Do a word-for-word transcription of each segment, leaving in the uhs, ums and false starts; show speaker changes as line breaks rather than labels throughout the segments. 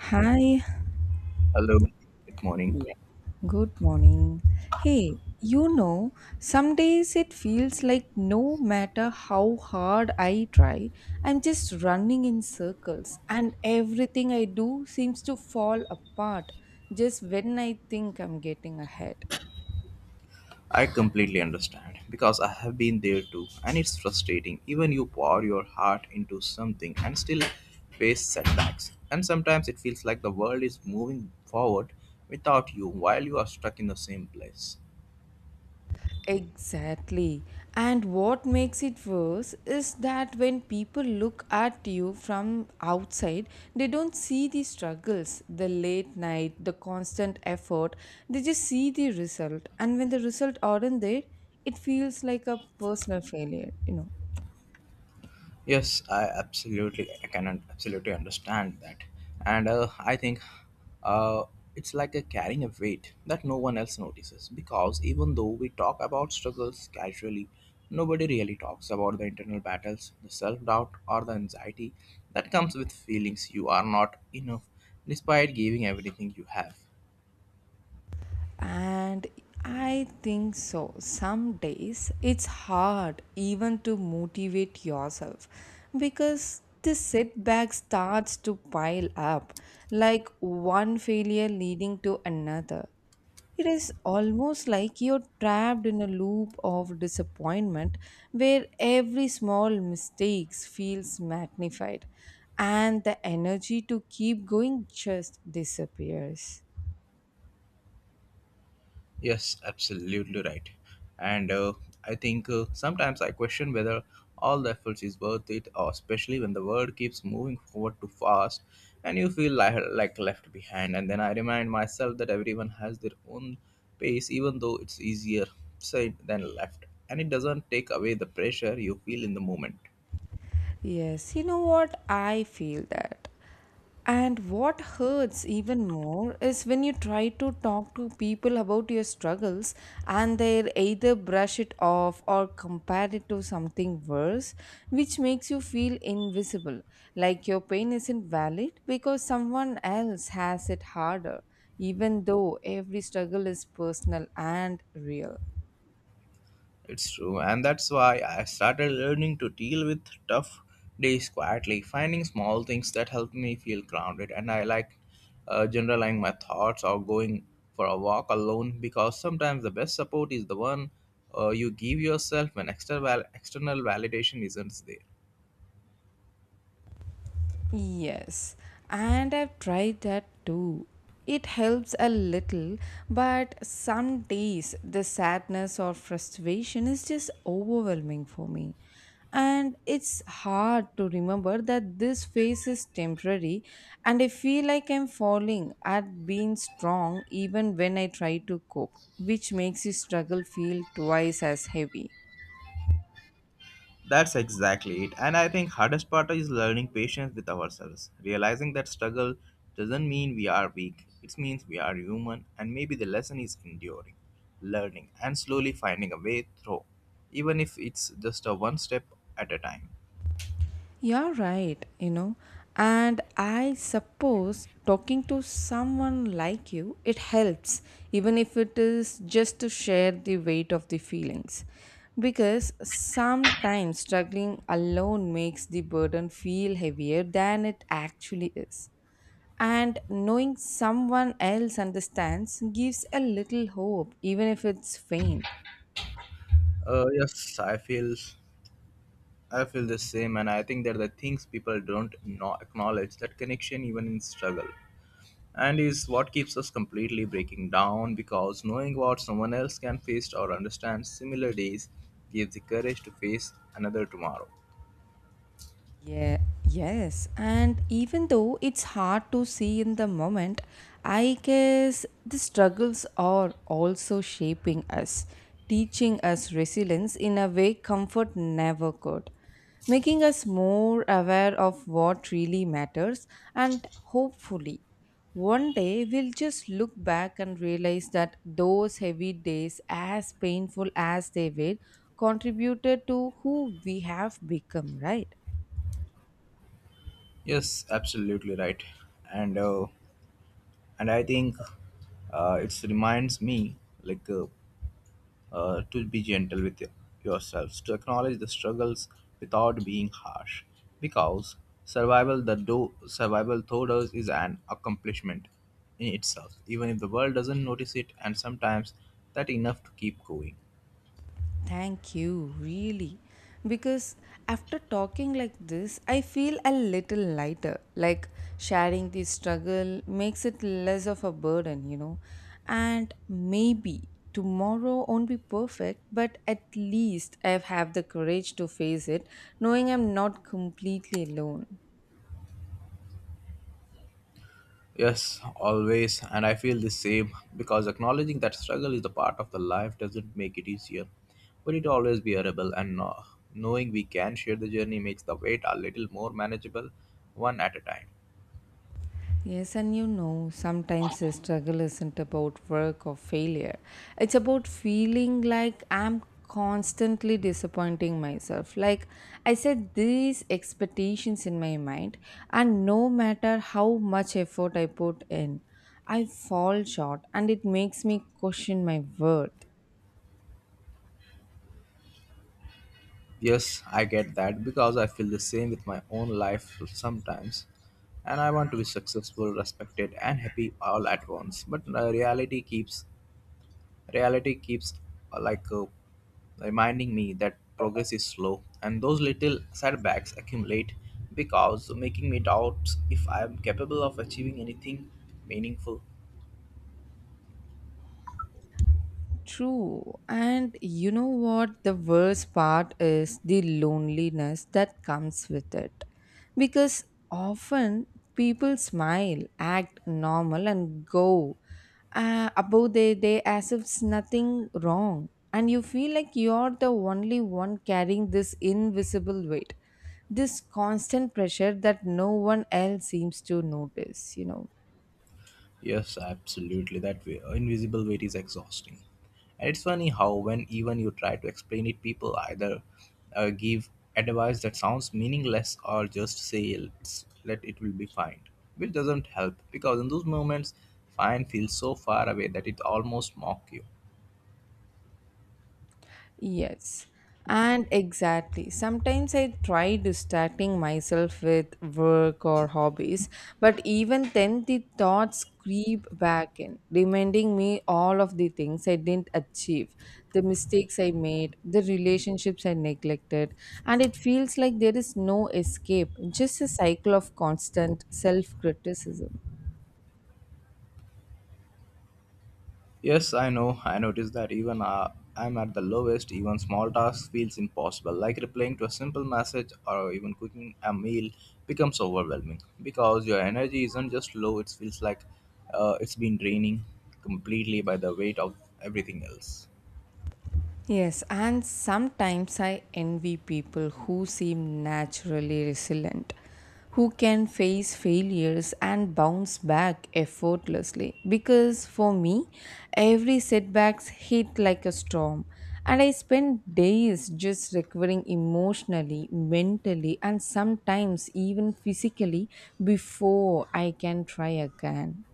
Hi,
Hello, good morning.
yeah, good morning. Hey, you know, some days it feels like no matter how hard I try, I'm just running in circles, and everything I do seems to fall apart just when I think I'm getting ahead.
I completely understand because I have been there too, and it's frustrating. Even you pour your heart into something and still face setbacks. And sometimes it feels like the world is moving forward without you while you are stuck in the same place.
Exactly. And what makes it worse is that when people look at you from outside, they don't see the struggles, the late night, the constant effort. They just see the result. And when the result aren't there, it feels like a personal failure, you know.
Yes, I absolutely I can un- absolutely understand that, and uh, I think uh, it's like a carrying a weight that no one else notices because even though we talk about struggles casually, nobody really talks about the internal battles, the self-doubt, or the anxiety that comes with feelings you are not enough despite giving everything you have.
And I think so. Some days it's hard even to motivate yourself because the setback starts to pile up like one failure leading to another. It is almost like you're trapped in a loop of disappointment where every small mistakes feels magnified and the energy to keep going just disappears.
Yes, absolutely right. And uh, I think uh, sometimes I question whether all the efforts is worth it, or especially when the world keeps moving forward too fast and you feel like, like left behind. And then I remind myself that everyone has their own pace, even though it's easier said than left. And it doesn't take away the pressure you feel in the moment.
Yes, you know what? I feel that. And what hurts even more is when you try to talk to people about your struggles and they either brush it off or compare it to something worse, which makes you feel invisible, like your pain isn't valid because someone else has it harder, even though every struggle is personal and real.
It's true, and that's why I started learning to deal with tough days quietly, finding small things that help me feel grounded. And I like uh, generalizing my thoughts or going for a walk alone because sometimes the best support is the one uh, you give yourself when external, external validation isn't there.
Yes, and I've tried that too. It helps a little, but some days the sadness or frustration is just overwhelming for me. And it's hard to remember that this phase is temporary, and I feel like I'm falling at being strong even when I try to cope, which makes the struggle feel twice as heavy.
That's exactly it. And I think hardest part is learning patience with ourselves, realizing that struggle doesn't mean we are weak. It means we are human, and maybe the lesson is enduring, learning and slowly finding a way through, even if it's just a one step at a time.
You're right, you know. And I suppose talking to someone like you, it helps, even if it is just to share the weight of the feelings. Because sometimes struggling alone makes the burden feel heavier than it actually is. And knowing someone else understands gives a little hope, even if it's faint.
Uh, yes, I feel I feel the same, and I think that the things people don't no- acknowledge that connection even in struggle and is what keeps us completely breaking down, because knowing what someone else can face or understand similar days gives the courage to face another tomorrow.
Yeah, yes. And even though it's hard to see in the moment, I guess the struggles are also shaping us, teaching us resilience in a way comfort never could, making us more aware of what really matters. And hopefully, one day we'll just look back and realize that those heavy days, as painful as they were, contributed to who we have become, right?
Yes, absolutely right. And uh, and i think uh, it reminds me like uh, uh, to be gentle with y- yourselves, to acknowledge the struggles without being harsh, because survival the do survival through us is an accomplishment in itself, even if the world doesn't notice it, and sometimes that enough to keep going.
Thank you, really. Because after talking like this, I feel a little lighter. Like sharing the struggle makes it less of a burden, you know. And maybe tomorrow won't be perfect, but at least I have the courage to face it, knowing I'm not completely alone.
Yes, always, and I feel the same because acknowledging that struggle is the part of the life doesn't make it easier, but it always bearable. And uh, knowing we can share the journey makes the weight a little more manageable, one at a time.
Yes, and you know, sometimes the struggle isn't about work or failure. It's about feeling like I'm constantly disappointing myself. Like I set these expectations in my mind, and no matter how much effort I put in, I fall short, and it makes me question my worth.
Yes, I get that because I feel the same with my own life sometimes. And I want to be successful, respected, and happy all at once. But uh, reality keeps reality keeps uh, like uh, reminding me that progress is slow, and those little setbacks accumulate because making me doubt if I am capable of achieving anything meaningful.
True. And you know what? The worst part is the loneliness that comes with it. Because often people smile, act normal, and go uh, about their day as if it's nothing wrong. And you feel like you're the only one carrying this invisible weight, this constant pressure that no one else seems to notice, you know.
Yes, absolutely. That way, invisible weight is exhausting. And it's funny how, when even you try to explain it, people either uh, give advice that sounds meaningless or just say, let's, let it will be fine, which doesn't help because in those moments, fine feels so far away that it almost mocks you.
Yes, and exactly. Sometimes I try distracting myself with work or hobbies, but even then the thoughts creep back in, reminding me all of the things I didn't achieve, the mistakes I made, the relationships I neglected, and it feels like there is no escape, just a cycle of constant self criticism.
Yes, I know. I noticed that even uh, I'm at the lowest, even small tasks feels impossible. Like replying to a simple message or even cooking a meal becomes overwhelming because your energy isn't just low, it feels like uh, it's been draining completely by the weight of everything else.
Yes, and sometimes I envy people who seem naturally resilient, who can face failures and bounce back effortlessly. Because for me, every setbacks hit like a storm, and I spend days just recovering emotionally, mentally, and sometimes even physically before I can try again.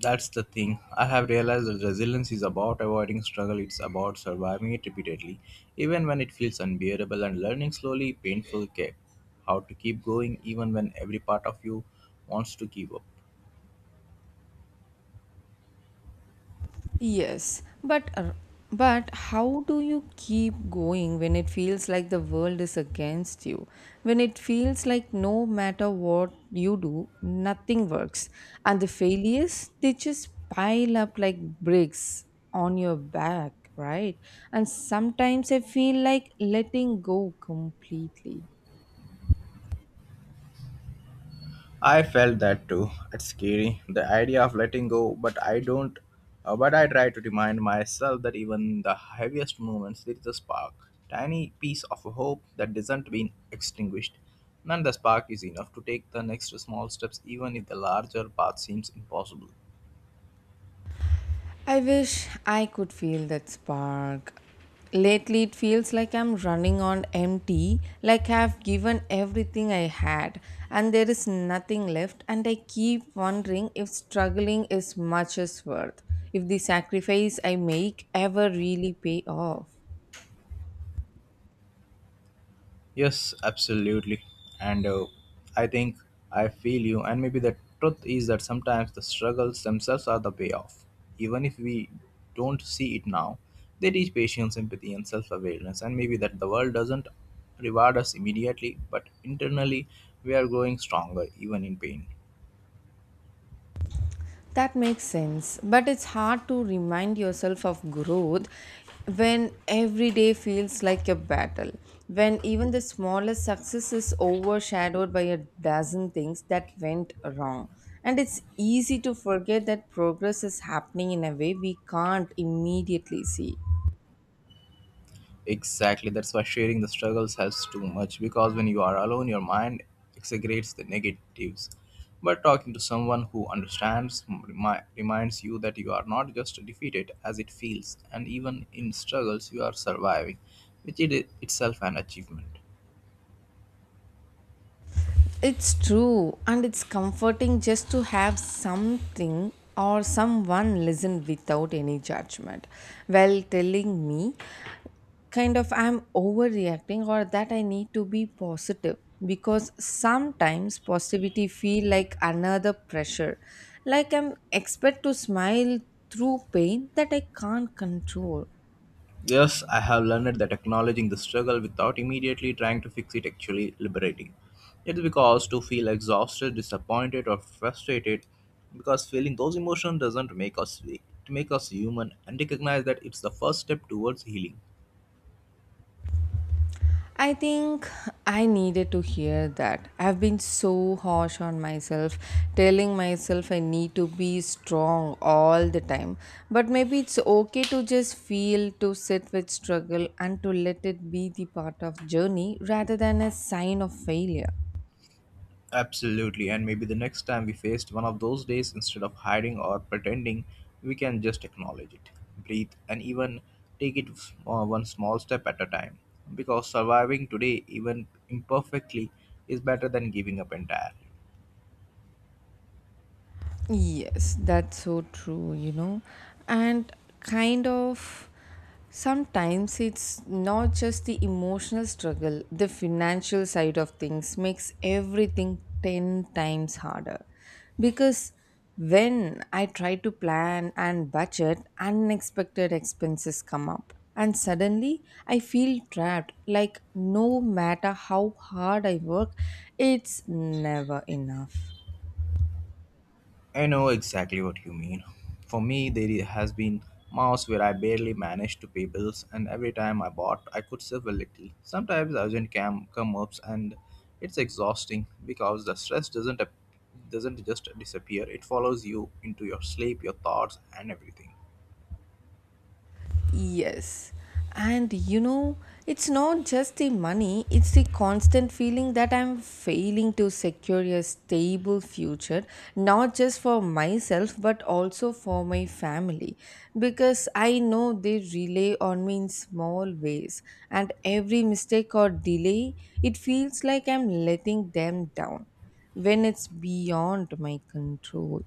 That's the thing. I have realized that resilience is about avoiding struggle, it's about surviving it repeatedly, even when it feels unbearable, and learning slowly, painful care. How to keep going even when every part of you wants to give up.
Yes, but uh, but how do you keep going when it feels like the world is against you? When it feels like no matter what you do, nothing works, and the failures they just pile up like bricks on your back, right? And sometimes I feel like letting go completely.
I felt that too. It's scary, the idea of letting go, but I don't. Uh, but I try to remind myself that even the heaviest moments, there is a spark, tiny piece of hope that doesn't been extinguished. And the spark is enough to take the next small steps, even if the larger path seems impossible.
I wish I could feel that spark. Lately, it feels like I'm running on empty, like I've given everything I had, and there is nothing left. And I keep wondering if struggling is much as worth, if the sacrifice I make ever really pay off.
Yes, absolutely. And uh, I think I feel you. And maybe the truth is that sometimes the struggles themselves are the payoff. Even if we don't see it now, they teach patience, empathy, and self awareness. And maybe that the world doesn't reward us immediately, but internally we are growing stronger, even in pain.
That makes sense, but it's hard to remind yourself of growth when every day feels like a battle, when even the smallest success is overshadowed by a dozen things that went wrong. And it's easy to forget that progress is happening in a way we can't immediately see.
Exactly, that's why sharing the struggles helps too much because when you are alone, your mind exaggerates the negatives. But talking to someone who understands remi- reminds you that you are not just defeated as it feels, and even in struggles, you are surviving, which is itself an achievement.
It's true, and it's comforting just to have something or someone listen without any judgment while telling me kind of I'm overreacting or that I need to be positive because sometimes positivity feel like another pressure like I'm expect to smile through pain that I can't control.
Yes, I have learned that acknowledging the struggle without immediately trying to fix it actually liberating. It's because to feel exhausted, disappointed, or frustrated, because feeling those emotions doesn't make us weak. It makes us human and recognize that it's the first step towards healing.
I think I needed to hear that. I've been so harsh on myself, telling myself I need to be strong all the time. But maybe it's okay to just feel, to sit with struggle, and to let it be the part of journey rather than a sign of failure.
Absolutely, and maybe the next time we faced one of those days, instead of hiding or pretending, we can just acknowledge it, breathe, and even take it uh, one small step at a time. Because surviving today, even imperfectly, is better than giving up entirely.
Yes, that's so true, you know. And kind of sometimes it's not just the emotional struggle, the financial side of things makes everything ten times harder. Because when I try to plan and budget, unexpected expenses come up. And suddenly I feel trapped, like no matter how hard I work, it's never enough.
I know exactly what you mean. For me, there i- has been months where I barely managed to pay bills, and every time I bought, I could save a little. Sometimes urgent cam come ups, and it's exhausting because the stress doesn't ap- doesn't just disappear. It follows you into your sleep, your thoughts, and everything.
Yes. And you know, it's not just the money, it's the constant feeling that I'm failing to secure a stable future, not just for myself, but also for my family. Because I know they rely on me in small ways, and every mistake or delay, it feels like I'm letting them down when it's beyond my control.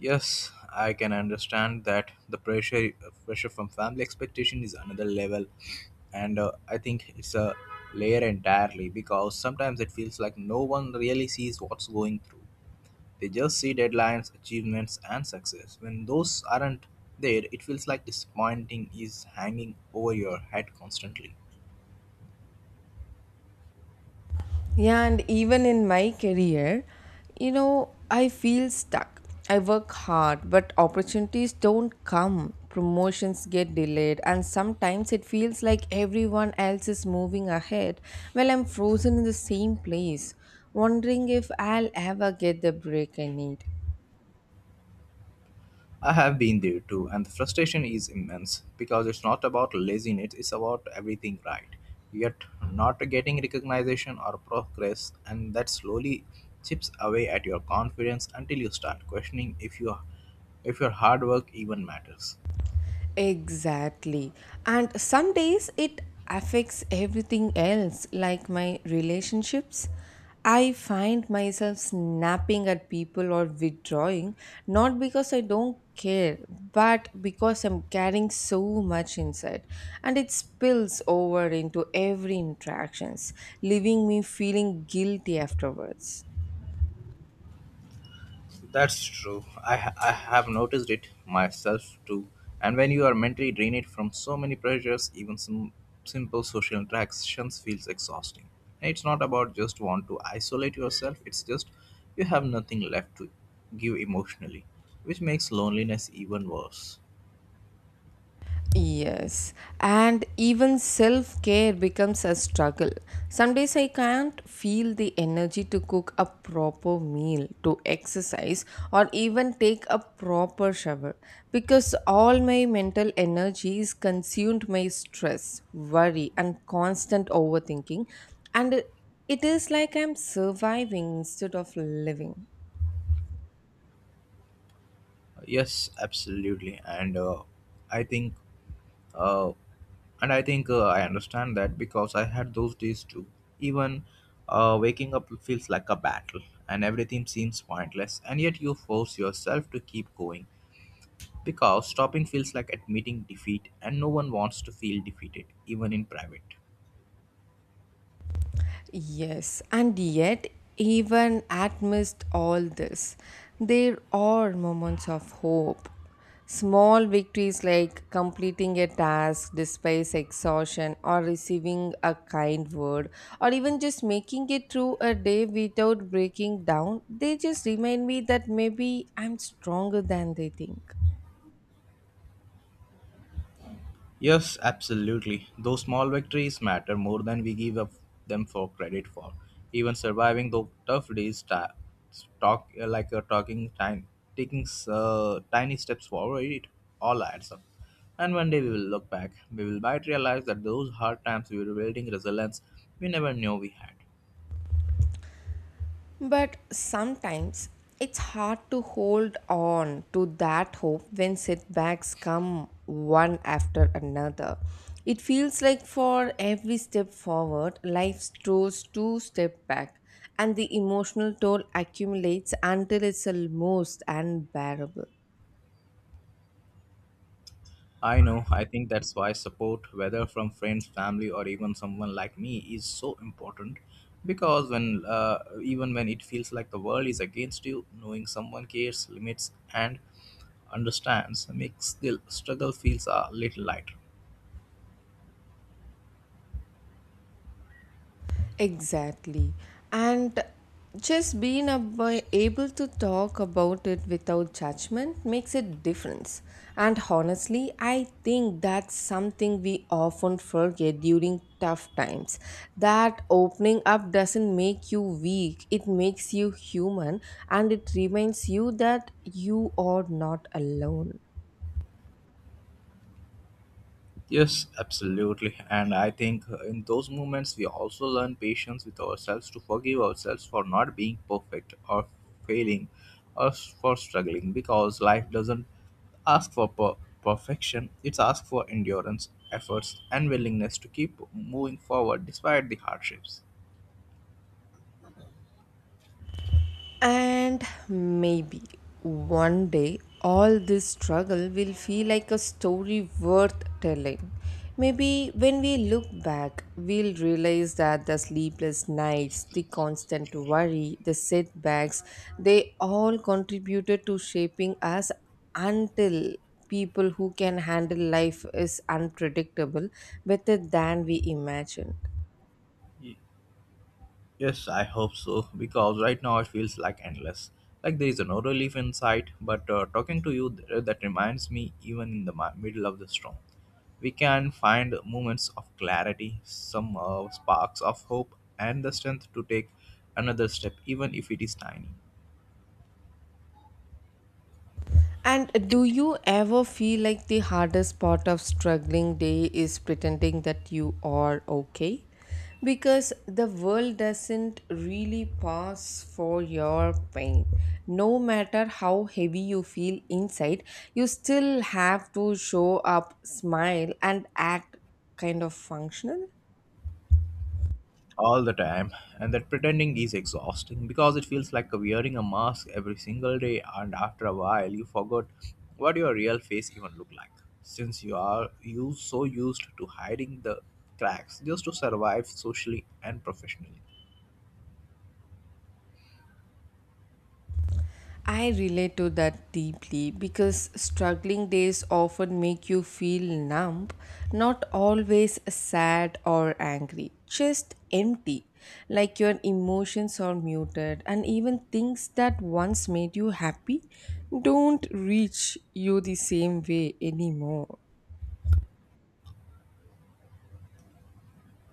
Yes, I can understand that the pressure pressure from family expectation is another level, and uh, I think it's a layer entirely because sometimes it feels like no one really sees what's going through. They just see deadlines, achievements, and success. When those aren't there, it feels like disappointing is hanging over your head constantly.
Yeah, and even in my career, you know, I feel stuck. I work hard, but opportunities don't come. Promotions get delayed, and sometimes it feels like everyone else is moving ahead while I'm frozen in the same place, wondering if I'll ever get the break I need.
I have been there too, and the frustration is immense because it's not about laziness, it's about everything right, yet not getting recognition or progress, and that slowly chips away at your confidence until you start questioning if your if your hard work even matters.
Exactly. And some days it affects everything else, like my relationships. I find myself snapping at people or withdrawing, not because I don't care, but because I'm carrying so much inside. And it spills over into every interactions, leaving me feeling guilty afterwards.
That's true. I, ha- I have noticed it myself too. And when you are mentally drained from so many pressures, even some simple social interactions feels exhausting. And it's not about just want to isolate yourself. It's just you have nothing left to give emotionally, which makes loneliness even worse.
Yes, and even self care becomes a struggle. Some days I can't feel the energy to cook a proper meal, to exercise, or even take a proper shower because all my mental energy is consumed by stress, worry, and constant overthinking. And it it is like I'm surviving instead of living.
Yes, absolutely. And uh, I think Uh, and I think uh, I understand that because I had those days too. Even uh, waking up feels like a battle, and everything seems pointless, and yet you force yourself to keep going because stopping feels like admitting defeat, and no one wants to feel defeated, even in private.
Yes, and yet, even amidst all this, there are moments of hope. Small victories like completing a task despite exhaustion, or receiving a kind word, or even just making it through a day without breaking down, they just remind me that maybe I'm stronger than they think.
Yes, absolutely. Those small victories matter more than we give up them for credit for. Even surviving those tough days ta- talk uh, like a talking time, taking uh, tiny steps forward, it all adds up. And one day we will look back. We will might realize that those hard times we were building resilience we never knew we had.
But sometimes it's hard to hold on to that hope when setbacks come one after another. It feels like for every step forward, life throws two steps back, and the emotional toll accumulates until it's almost unbearable.
I know, I think that's why support, whether from friends, family, or even someone like me, is so important. Because when, uh, even when it feels like the world is against you, knowing someone cares, limits, and understands makes the struggle feels a little lighter.
Exactly. And just being ab- able to talk about it without judgment makes a difference. And honestly, I think that's something we often forget during tough times. That opening up doesn't make you weak, it makes you human and it reminds you that you are not alone.
Yes, absolutely. And I think uh, in those moments, we also learn patience with ourselves to forgive ourselves for not being perfect or failing or s- for struggling because life doesn't ask for per- perfection, it's asked for endurance, efforts, and willingness to keep moving forward despite the hardships.
And maybe one day all this struggle will feel like a story worth telling. Maybe when we look back, we'll realize that the sleepless nights, the constant worry, the setbacks, they all contributed to shaping us until people who can handle life is unpredictable better than we imagined.
Yes, I hope so because right now it feels like endless. Like there is no relief in sight, but uh, talking to you th- that reminds me even in the mi- middle of the storm. We can find moments of clarity, some uh, sparks of hope, and the strength to take another step, even if it is tiny.
And do you ever feel like the hardest part of struggling day is pretending that you are okay? Because the world doesn't really pass for your pain. No matter how heavy you feel inside, you still have to show up, smile, and act kind of functional.
All the time, and that pretending is exhausting because it feels like wearing a mask every single day, and after a while you forgot what your real face even looked like, since you are you so used to hiding the cracks just to survive socially and professionally.
I relate to that deeply because struggling days often make you feel numb, not always sad or angry, just empty, like your emotions are muted, and even things that once made you happy don't reach you the same way anymore.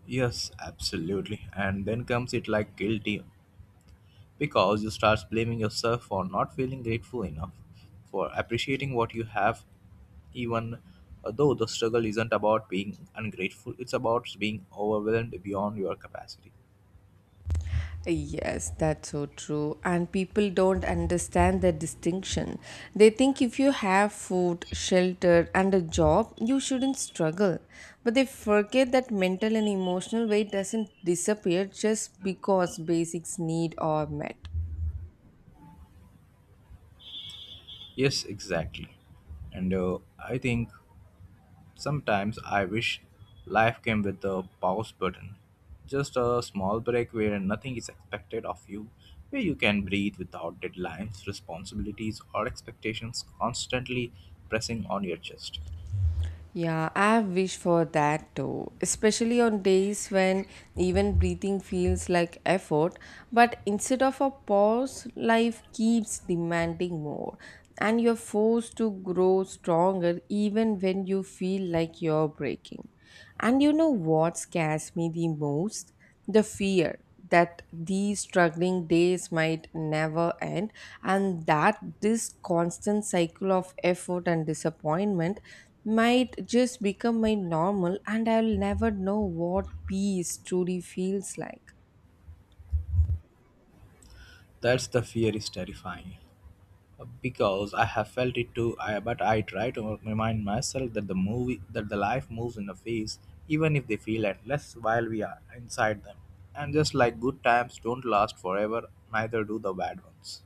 Yes, absolutely, and then comes it like guilty because you start blaming yourself for not feeling grateful enough for appreciating what you have, even though the struggle isn't about being ungrateful, it's about being overwhelmed beyond your capacity.
Yes, that's so true. And people don't understand the distinction. They think if you have food, shelter, and a job, you shouldn't struggle. But they forget that mental and emotional weight doesn't disappear just because basics need are met.
Yes, exactly. and uh, I think Sometimes I wish life came with a pause button, just a small break where nothing is expected of you, where you can breathe without deadlines, responsibilities or expectations constantly pressing on your chest.
Yeah, I have wished for that too, especially on days when even breathing feels like effort. But instead of a pause, life keeps demanding more, and you're forced to grow stronger even when you feel like you're breaking. And you know what scares me the most? The fear that these struggling days might never end and that this constant cycle of effort and disappointment might just become my normal and I'll never know what peace truly feels like.
That's the fear is terrifying, uh, because I have felt it too. I, but I try to remind myself that the movie, that the life moves in a phase, even if they feel endless while we are inside them. And just like good times don't last forever, neither do the bad ones.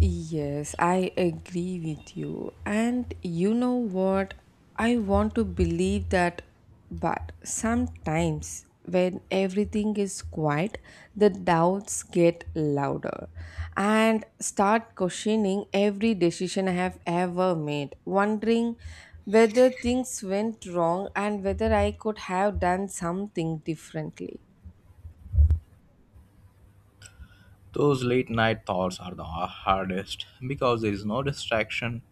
Yes, I agree with you. And you know what? I want to believe that, but sometimes when everything is quiet, the doubts get louder and start questioning every decision I have ever made, wondering whether things went wrong and whether I could have done something differently.
Those late night thoughts are the hardest because there is no distraction,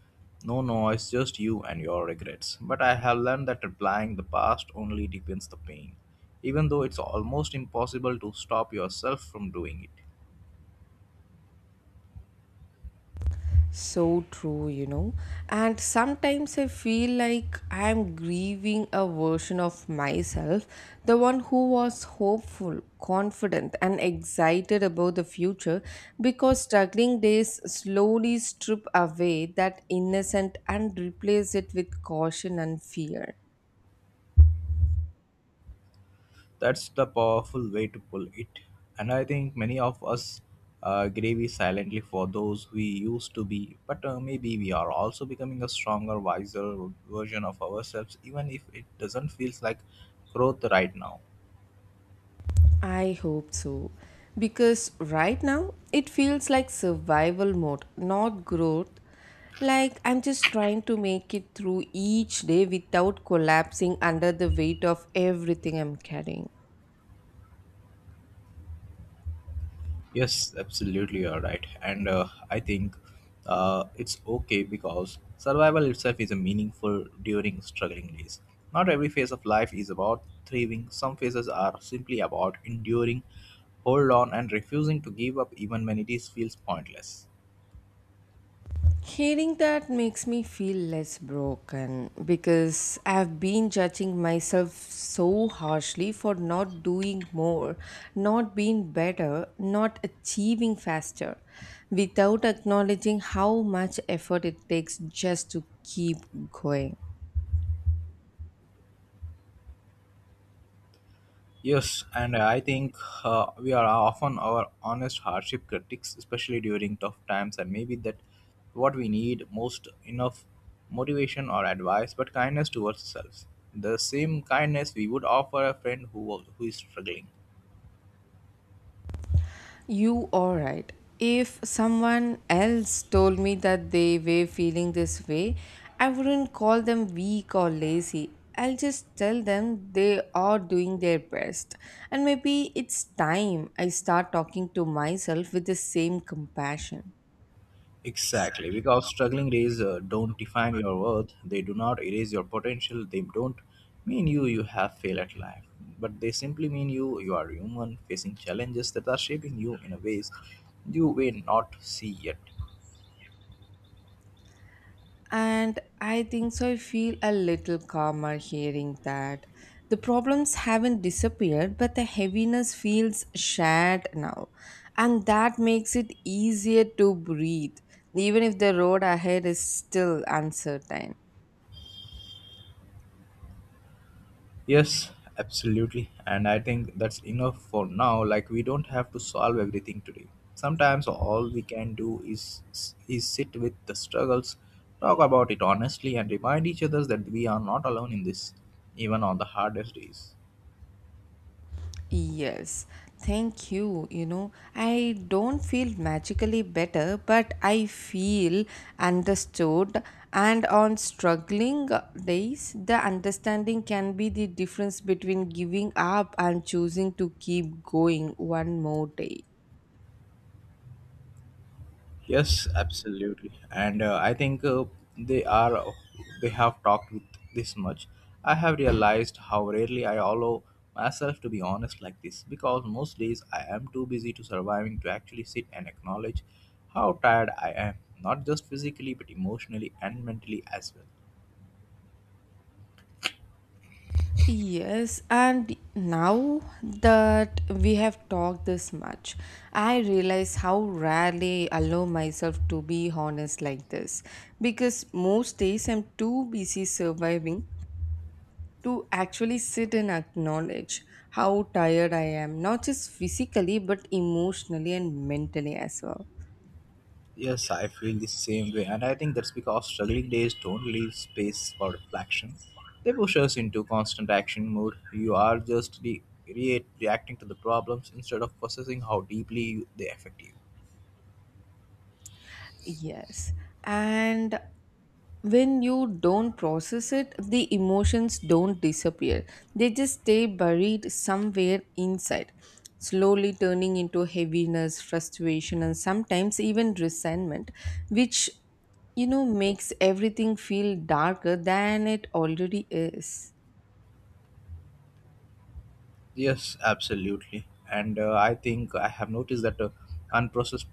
no noise, just you and your regrets. But I have learned that replying the past only deepens the pain, even though it's almost impossible to stop yourself from doing it.
So true, you know. And sometimes I feel like I'm grieving a version of myself, the one who was hopeful, confident, and excited about the future because struggling days slowly strip away that innocent and replace it with caution and fear.
That's the powerful way to pull it. And I think many of us uh, gravy silently for those we used to be, but uh, maybe we are also becoming a stronger, wiser version of ourselves, even if it doesn't feel like growth right now.
I hope so. Because right now it feels like survival mode, not growth. Like I'm just trying to make it through each day without collapsing under the weight of everything I'm carrying.
Yes, absolutely, you're right. And uh, I think uh, it's okay because survival itself is a meaningful during struggling days. Not every phase of life is about thriving. Some phases are simply about enduring, hold on, and refusing to give up even when it is, feels pointless.
Hearing that makes me feel less broken because I've been judging myself so harshly for not doing more, not being better, not achieving faster, without acknowledging how much effort it takes just to keep going.
Yes, and I think uh, we are often our honest hardship critics, especially during tough times, and maybe that what we need most enough motivation or advice, but kindness towards ourselves. The same kindness we would offer a friend who, who is struggling.
You are right. If someone else told me that they were feeling this way, I wouldn't call them weak or lazy. I'll just tell them they are doing their best. And maybe it's time I start talking to myself with the same compassion.
Exactly, because struggling days uh, don't define your worth. They do not erase your potential. They don't mean you you have failed at life, but they simply mean you you are human facing challenges that are shaping you in a ways you may not see yet.
And I think so. I feel a little calmer hearing that. The problems haven't disappeared, but the heaviness feels shared now. And that makes it easier to breathe, even if the road ahead is still uncertain.
Yes, absolutely. And I think that's enough for now. Like we don't have to solve everything today. Sometimes all we can do is is sit with the struggles, talk about it honestly and remind each other that we are not alone in this, even on the hardest days.
Yes, thank you. You know, I don't feel magically better, but I feel understood. And on struggling days, the understanding can be the difference between giving up and choosing to keep going one more day.
Yes, absolutely. And uh, I think uh, they are they have talked with this much. I have realized how rarely I allow myself to be honest like this because most days I am too busy to surviving to actually sit and acknowledge how tired I am, not just physically but emotionally and mentally as well.
Yes, and now that we have talked this much, I realize how rarely I allow myself to be honest like this because most days I'm too busy surviving to actually sit and acknowledge how tired I am, not just physically but emotionally and mentally as well.
Yes, I feel the same way, and I think that's because struggling days don't leave space for reflection. They push us into constant action mode. You are just re- re- reacting to the problems instead of processing how deeply you- they affect you.
Yes. And when you don't process it, the emotions don't disappear. They just stay buried somewhere inside, slowly turning into heaviness, frustration, and sometimes even resentment, which, you know, makes everything feel darker than it already is.
Yes, absolutely. And uh, I think I have noticed that uh, unprocessed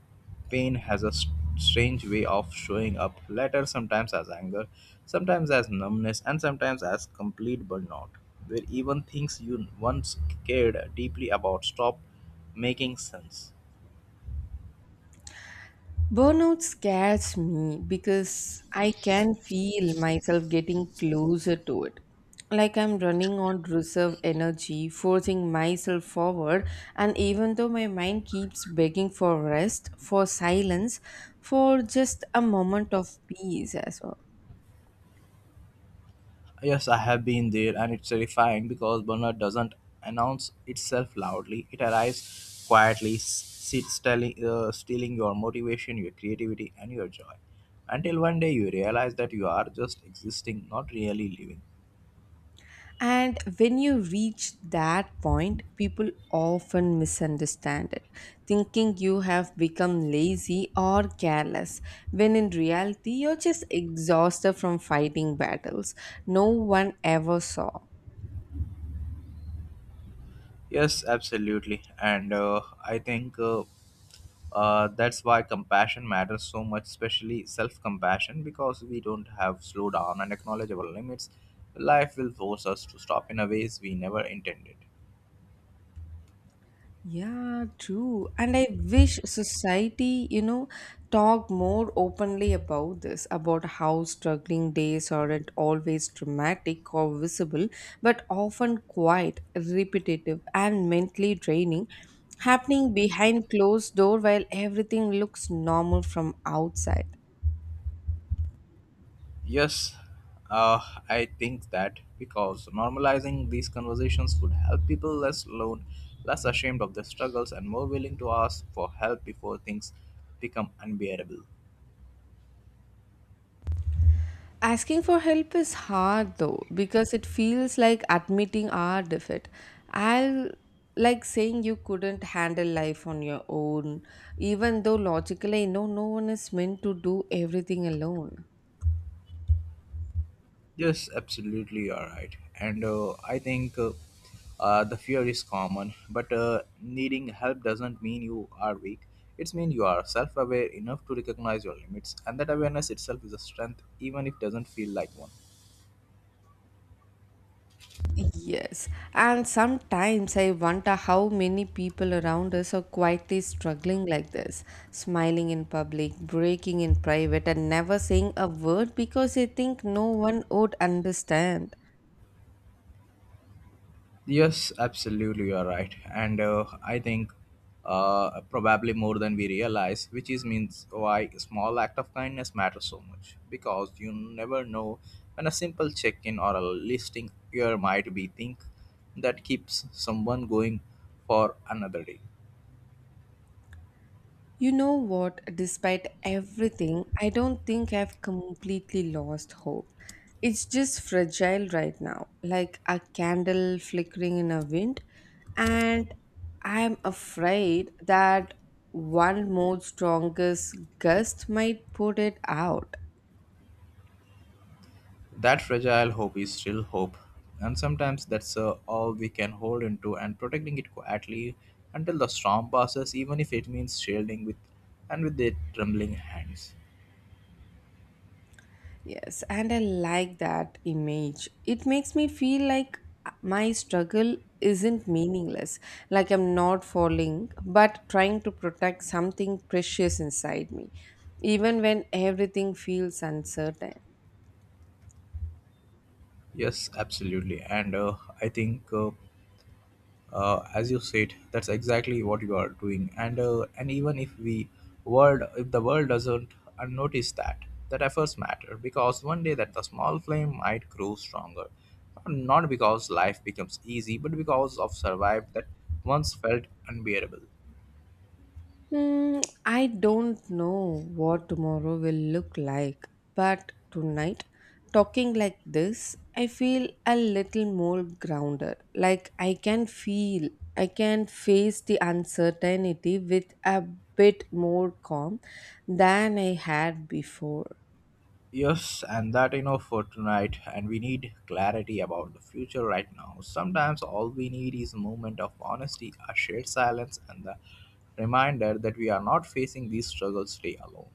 pain has a s- strange way of showing up later, sometimes as anger, sometimes as numbness, and sometimes as complete burnout, where even things you once cared deeply about stop making sense.
Burnout scares me because I can feel myself getting closer to it. Like I'm running on reserve energy, forcing myself forward, and even though my mind keeps begging for rest, for silence, for just a moment of peace as well.
Yes, I have been there, and it's terrifying because Bernard doesn't announce itself loudly. It arrives quietly, s- sits telling, uh, stealing your motivation, your creativity, and your joy. Until one day you realize that you are just existing, not really living.
And when you reach that point, people often misunderstand it, thinking you have become lazy or careless, when in reality, you're just exhausted from fighting battles no one ever saw.
Yes, absolutely. And uh, I think uh, uh, that's why compassion matters so much, especially self compassion, because we don't have slow down and acknowledge our limits. Life will force us to stop in a ways we never intended.
Yeah, true. And I wish society, you know, talk more openly about this, about how struggling days aren't always dramatic or visible, but often quiet, repetitive, and mentally draining, happening behind closed door while everything looks normal from outside.
Yes, uh, I think that because normalizing these conversations would help people less alone, less ashamed of their struggles, and more willing to ask for help before things become unbearable.
Asking for help is hard though because it feels like admitting our defeat. I'll like saying you couldn't handle life on your own, even though logically I know no one is meant to do everything alone.
Yes, absolutely, you're right. And uh, I think uh, uh, the fear is common, but uh, needing help doesn't mean you are weak. It's mean you are self-aware enough to recognize your limits, and that awareness itself is a strength, even if it doesn't feel like one.
Yes, and sometimes I wonder how many people around us are quietly struggling like this, smiling in public, breaking in private, and never saying a word because they think no one would understand.
Yes, absolutely, you are right, and uh, I think uh, probably more than we realize, which is means why a small act of kindness matters so much because you never know when a simple check-in or a listing here might be think that keeps someone going for another day.
You know what? Despite everything, I don't think I've completely lost hope. It's just fragile right now, like a candle flickering in a wind. And I'm afraid that one more strongest gust might put it out.
That fragile hope is still hope, and sometimes that's uh, all we can hold into and protecting it quietly until the storm passes, even if it means shielding with and with the trembling hands.
Yes, and I like that image. It makes me feel like my struggle isn't meaningless, like I'm not falling, but trying to protect something precious inside me, even when everything feels uncertain.
Yes, absolutely. And uh, I think, uh, uh, as you said, that's exactly what you are doing. And uh, and even if we world, if the world doesn't uh, notice that, that efforts matter because one day that the small flame might grow stronger, not because life becomes easy, but because of survive that once felt unbearable.
Hmm, I don't know what tomorrow will look like, but tonight, talking like this, I feel a little more grounded. Like I can feel, I can face the uncertainty with a bit more calm than I had before.
Yes, and that enough for tonight, and we need clarity about the future right now. Sometimes all we need is a moment of honesty, a shared silence, and the reminder that we are not facing these struggles today alone.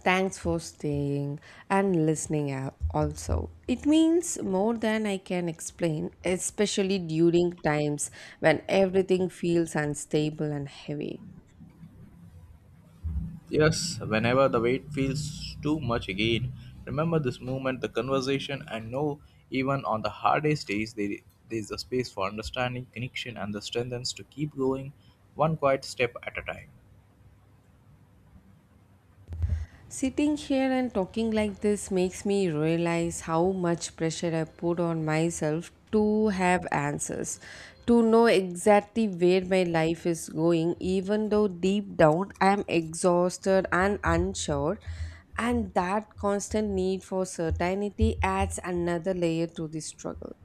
Thanks for staying and listening out also. It means more than I can explain, especially during times when everything feels unstable and heavy.
Yes, whenever the weight feels too much again, remember this moment, the conversation, and know even on the hardest days, there there is a space for understanding, connection, and the strengthens to keep going one quiet step at a time.
Sitting here and talking like this makes me realize how much pressure I put on myself to have answers, to know exactly where my life is going, even though deep down I am exhausted and unsure. And that constant need for certainty adds another layer to the struggle.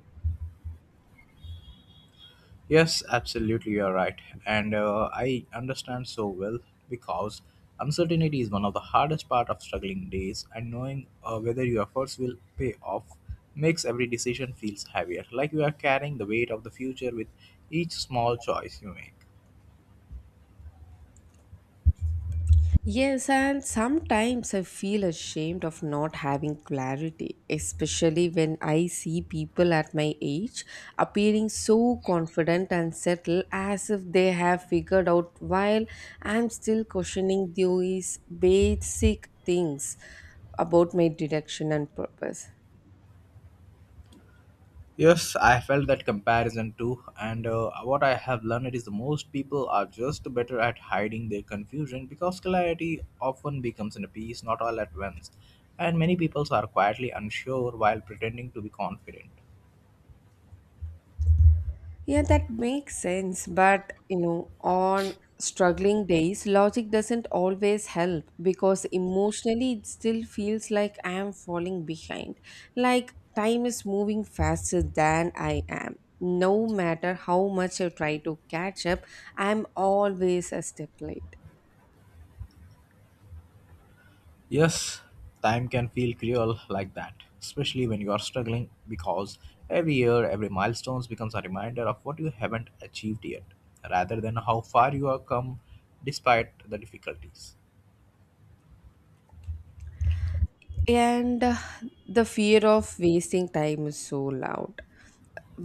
Yes, absolutely, you're right. And uh, I understand so well because uncertainty is one of the hardest part of struggling days and knowing uh, whether your efforts will pay off makes every decision feels heavier, like you are carrying the weight of the future with each small choice you make.
Yes, and sometimes I feel ashamed of not having clarity, especially when I see people at my age appearing so confident and settled as if they have figured out while I'm still questioning these basic things about my direction and purpose.
Yes, I felt that comparison too, and uh, what I have learned is the most people are just better at hiding their confusion because clarity often becomes in a piece, not all at once. And many people are quietly unsure while pretending to be confident.
Yeah, that makes sense. But, you know, on struggling days, logic doesn't always help because emotionally it still feels like I am falling behind. Like time is moving faster than I am. No matter how much I try to catch up, I'm always a step late.
Yes, time can feel cruel like that, especially when you are struggling because every year, every milestone becomes a reminder of what you haven't achieved yet, rather than how far you have come despite the difficulties.
And uh, the fear of wasting time is so loud,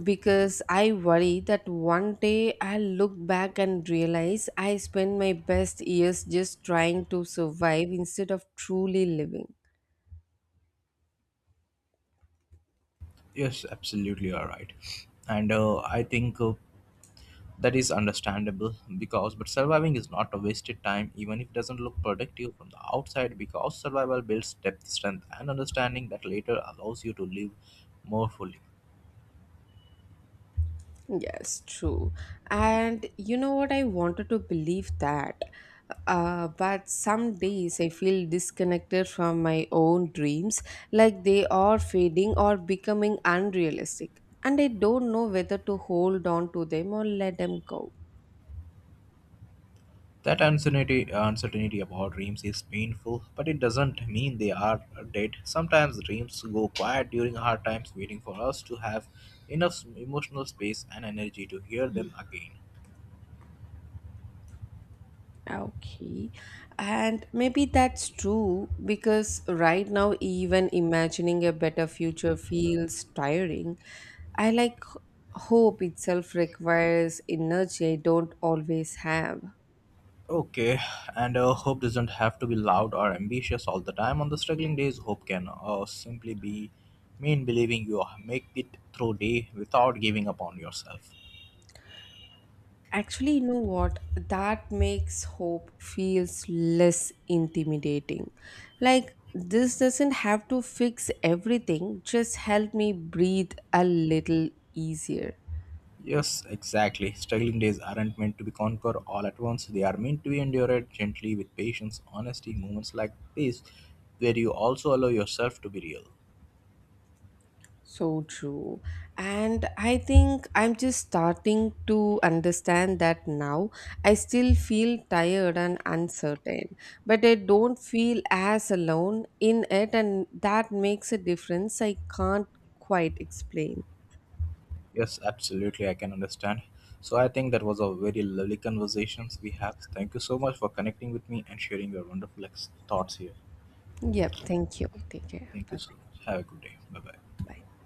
because I worry that one day I'll look back and realize I spent my best years just trying to survive instead of truly living.
Yes, absolutely, you are right. And uh, I think uh, that is understandable because, but surviving is not a wasted time, even if it doesn't look productive from the outside, because survival builds depth, strength, and understanding that later allows you to live more fully.
Yes, true. And you know what? I wanted to believe that. Uh, but some days I feel disconnected from my own dreams, like they are fading or becoming unrealistic. And I don't know whether to hold on to them or let them go.
That uncertainty, uncertainty about dreams is painful, but it doesn't mean they are dead. Sometimes dreams go quiet during hard times, waiting for us to have enough emotional space and energy to hear them again.
Okay, and maybe that's true because right now, even imagining a better future feels tiring. I like h- hope itself requires energy I don't always have.
Okay, and uh, hope doesn't have to be loud or ambitious all the time. On the struggling days, hope can uh, simply be mean believing you make it through day without giving up on yourself.
Actually, you know what? That makes hope feels less intimidating. Like this doesn't have to fix everything, just help me breathe a little easier.
Yes, exactly. Struggling days aren't meant to be conquered all at once. They are meant to be endured gently with patience, honesty, moments like this, where you also allow yourself to be real.
So true. And I think I'm just starting to understand that now. I still feel tired and uncertain, but I don't feel as alone in it, and that makes a difference I can't quite explain.
Yes, absolutely. I can understand. So I think that was a very lovely conversations we have. Thank you so much for connecting with me and sharing your wonderful ex- thoughts here.
Yep. Thank you. Take care.
Thank you
Bye
so much. Have a good day. Bye bye.
bye.